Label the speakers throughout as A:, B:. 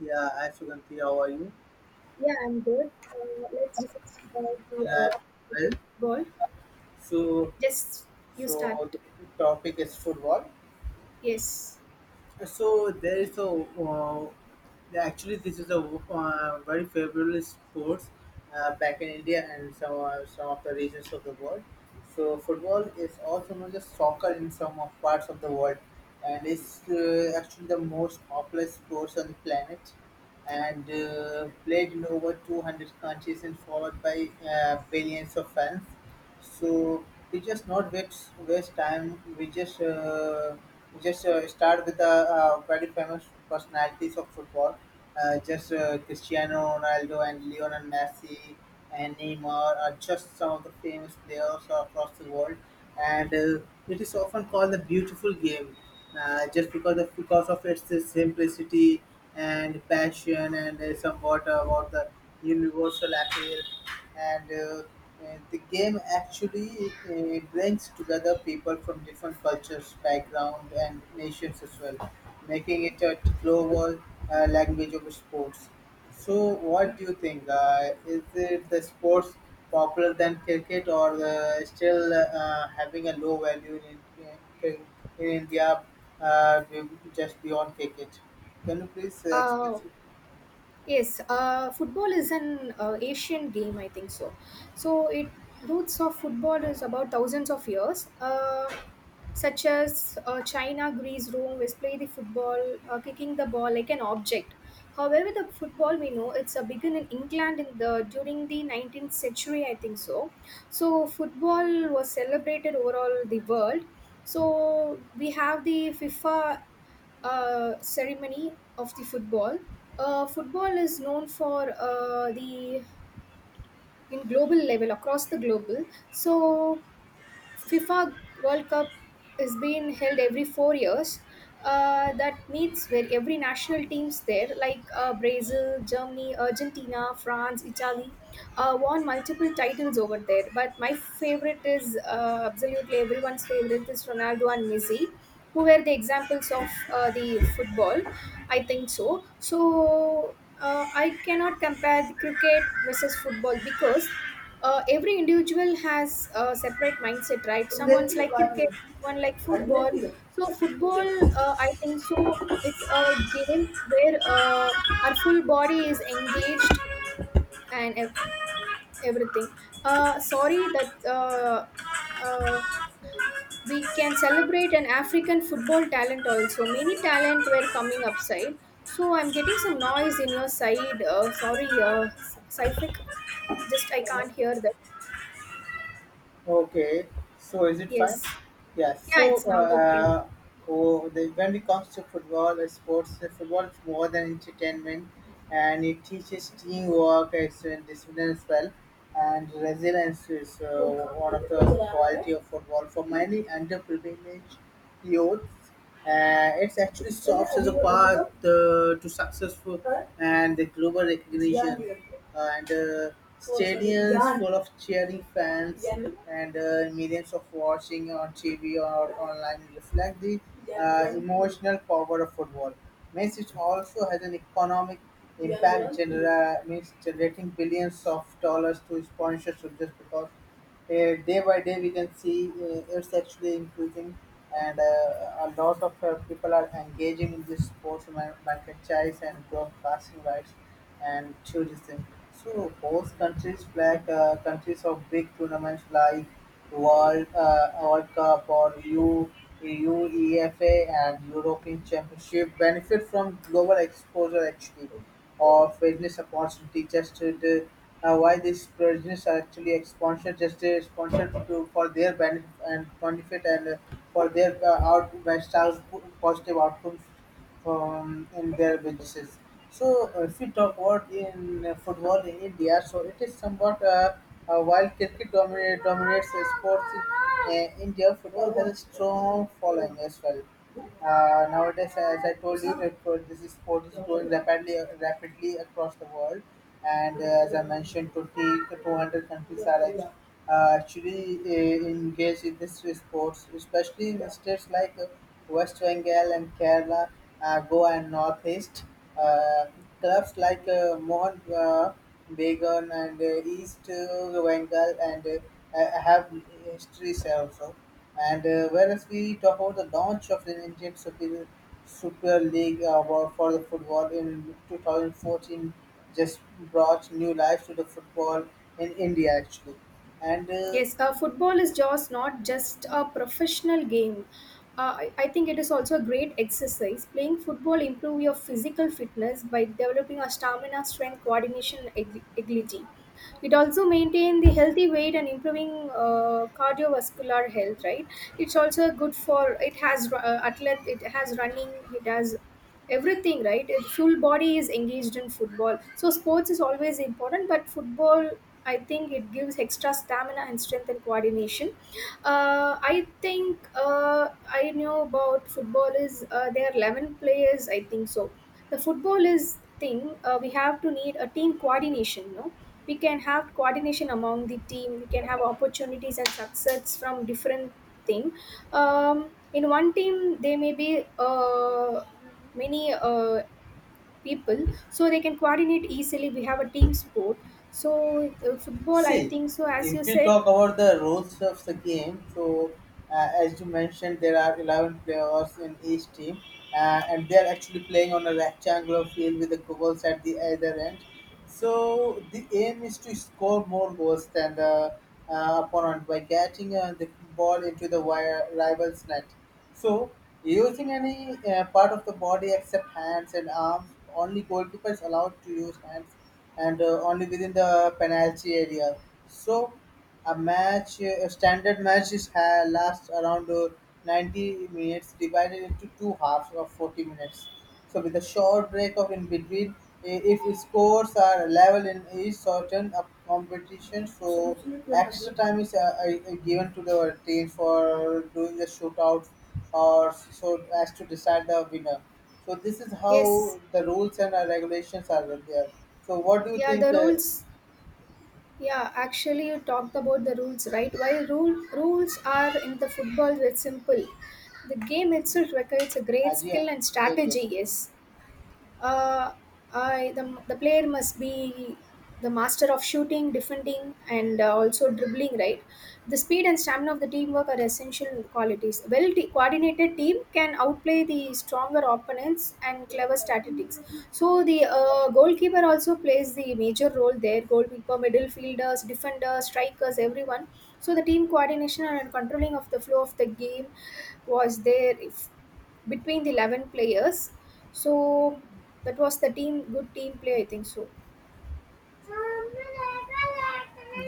A: Yeah, hi Suganti, how are you?
B: Yeah, I'm good. Let's discuss about
A: Yeah, well,
B: the ball.
A: so
B: Just you start.
A: so the topic is football.
B: Yes.
A: So there is a actually this is a very favorable sports back in India and some of the regions of the world. So football is also known as soccer in some of parts of the world, and it's actually the most popular sports on the planet, and played in over 200 countries and followed by billions of fans. So we just not waste time. We just start with the very famous personalities of football, just Cristiano Ronaldo and Lionel Messi and Neymar are just some of the famous players across the world, and it is often called the beautiful game, just because of its simplicity and passion and somewhat about the universal appeal and the game actually brings together people from different cultures, background, and nations as well, making it a global language of sports. So, what do you think? Is it the sports popular than cricket, or still having a low value in, in India, uh, just beyond cricket? Can you please express
B: Uh, Yes, football is an Asian game, I think so. So it roots of football is about thousands of years, such as China, Greece, Rome, was play the football, kicking the ball like an object. However, the football we know it's a begin in England in the during the 19th century, I think so. So football was celebrated overall the world. So we have the FIFA ceremony of the football. Football is known for the in global level across the global. So FIFA World Cup is being held every 4 years. That meets where every national teams there, like Brazil, Germany, Argentina, France, Italy, won multiple titles over there. But my favorite is absolutely everyone's favorite is Ronaldo and Messi, who were the examples of the football. I think so. So I cannot compare the cricket versus football because every individual has a separate mindset, right? Someone's like cricket, someone like football. So football, I think so it's a game where our full body is engaged and everything. Sorry that uh, we can celebrate an African football talent also, many talent were coming
A: it?
B: upside. So I'm getting some noise in your side. Sorry, Saifik, just I can't hear that.
A: Okay, so is it fine?
B: Yes.
A: Yes.
B: Yeah, it's now okay.
A: When it comes to football and sports, football is more than entertainment, and it teaches teamwork, excellent discipline as well, and resilience is key of football for many underprivileged youth. It's actually the to successful and the global recognition and full of cheering fans. And millions of watching on TV or online reflect the personal power of football. Means it also has an economic means generating billions of dollars to sponsors just because day by day we can see it's actually increasing and a lot of people are engaging in this sports mar- franchise and broadcasting rights and tourism. So host countries like countries of big tournaments like World Cup or U UEFA and European Championship benefit from global exposure actually or fitness opportunity just to why these provisions are actually sponsored, just sponsored to, for their benefit and benefit and for their out lifestyles, po- positive outcomes from in their businesses. So if we talk about in football in India, so it is somewhat while dominates the sports in India, football has a strong following as well. Nowadays, as I told you, that this sport is growing rapidly, rapidly across the world and as I mentioned, 200 countries actually engage in this sports, especially in states like West Bengal and Kerala, Goa and Northeast. Uh, clubs like Mohan Bagan and East Bengal and have histories also. And whereas we talk about the launch of the Super League for the football in 2014, just brought new life to the football in India actually. And
B: Yes, football is just not just a professional game. I think it is also a great exercise. Playing football improve your physical fitness by developing a stamina, strength, coordination, and agility. It also maintain the healthy weight and improving cardiovascular health. Right? It's also good for it has athlete. It has running. It has everything, right? Full body is engaged in football, so sports is always important, but football, I think it gives extra stamina and strength and coordination. uh, i think uh, I know about football is, there are 11 players, I think so. The football is thing, we have to need a team coordination, no, we can have coordination among the team, we can have opportunities and success from different thing, um, in one team, they may be uh, many people, so they can coordinate easily, we have a team sport. So football, I
A: See,
B: think so, as you
A: if we
B: said.
A: talk about the rules of the game, so as you mentioned, there are 11 players in each team, and they are actually playing on a rectangular field with the goals at the either end. So the aim is to score more goals than the opponent by getting the ball into the wire rival's net. So using any part of the body except hands and arms, only goalkeepers allowed to use hands and only within the penalty area. So a standard match is ha- lasts around 90 minutes, divided into two halves of 40 minutes. So with a short break of in between, I- if scores are level in each certain of competitions time is given to the team for doing the shootout or so as to decide the winner. So this is
B: Yes.
A: how the rules and regulations are there. So what do you
B: Yeah,
A: think,
B: the rules. Yeah, actually you talked about the rules, right? While rules are in the football very simple, the game itself requires a great
A: Ajia?
B: skill and
A: एक दे
B: strategy.
A: दो।
B: Yes. uh, I, the player must be the master of shooting, defending, and also dribbling. Right, the speed and stamina of the teamwork are essential qualities. Well coordinated team can outplay the stronger opponents and clever statistics. So the goalkeeper also plays the major role there. Goalkeeper, midfielders, defenders, strikers, everyone. So the team coordination and controlling of the flow of the game was there between the 11 players, so that was the team, good team play, I think so.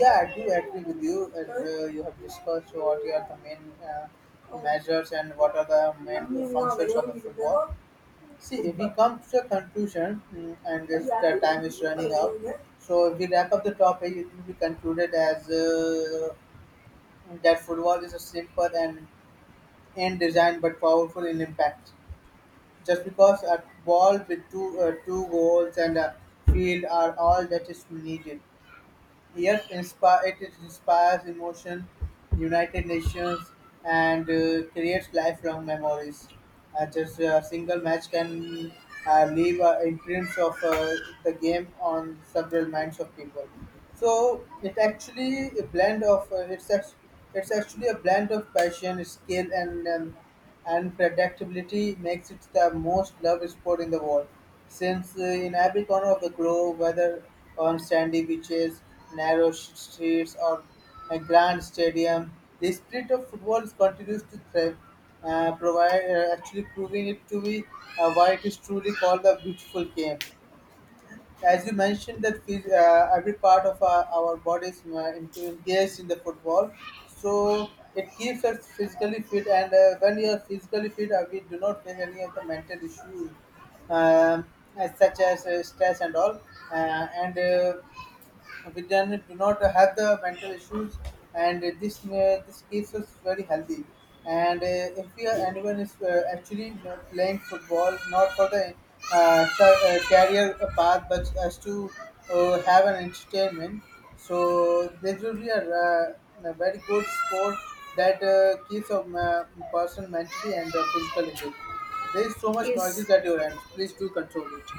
A: Yeah, I do agree with you. You have discussed what are the main measures and what are the see. We come to a conclusion, and so we wrap up the topic. It will be concluded as that football is a simple and in design but powerful in impact. Just because a ball with two goals and a field are all that is needed. Yet inspire, it is- inspires emotion, United Nations, and creates lifelong memories. Just a single match can leave imprints of the game on several minds of people. So it actually a blend of it's actually a blend of passion, skill, and predictability makes it the most loved sport in the world since in every corner of the grove, whether on sandy beaches, narrow sh- streets, or a grand stadium, the spirit of football continues to thrive, actually proving it to be why it is truly called the beautiful game as you mentioned that phys- every part of our bodies engaged in the football so it keeps us physically fit and when you are physically fit we do not face any of the mental issues, um, as such as stress and all and we then do not have the mental issues and this keeps us very healthy and if we are, anyone is actually you know, playing football not for the career path but as to have an entertainment so this will be a very good sport that keeps a person mentally and physically fit. There is so much
B: Yes.
A: noises at your end, please do control it.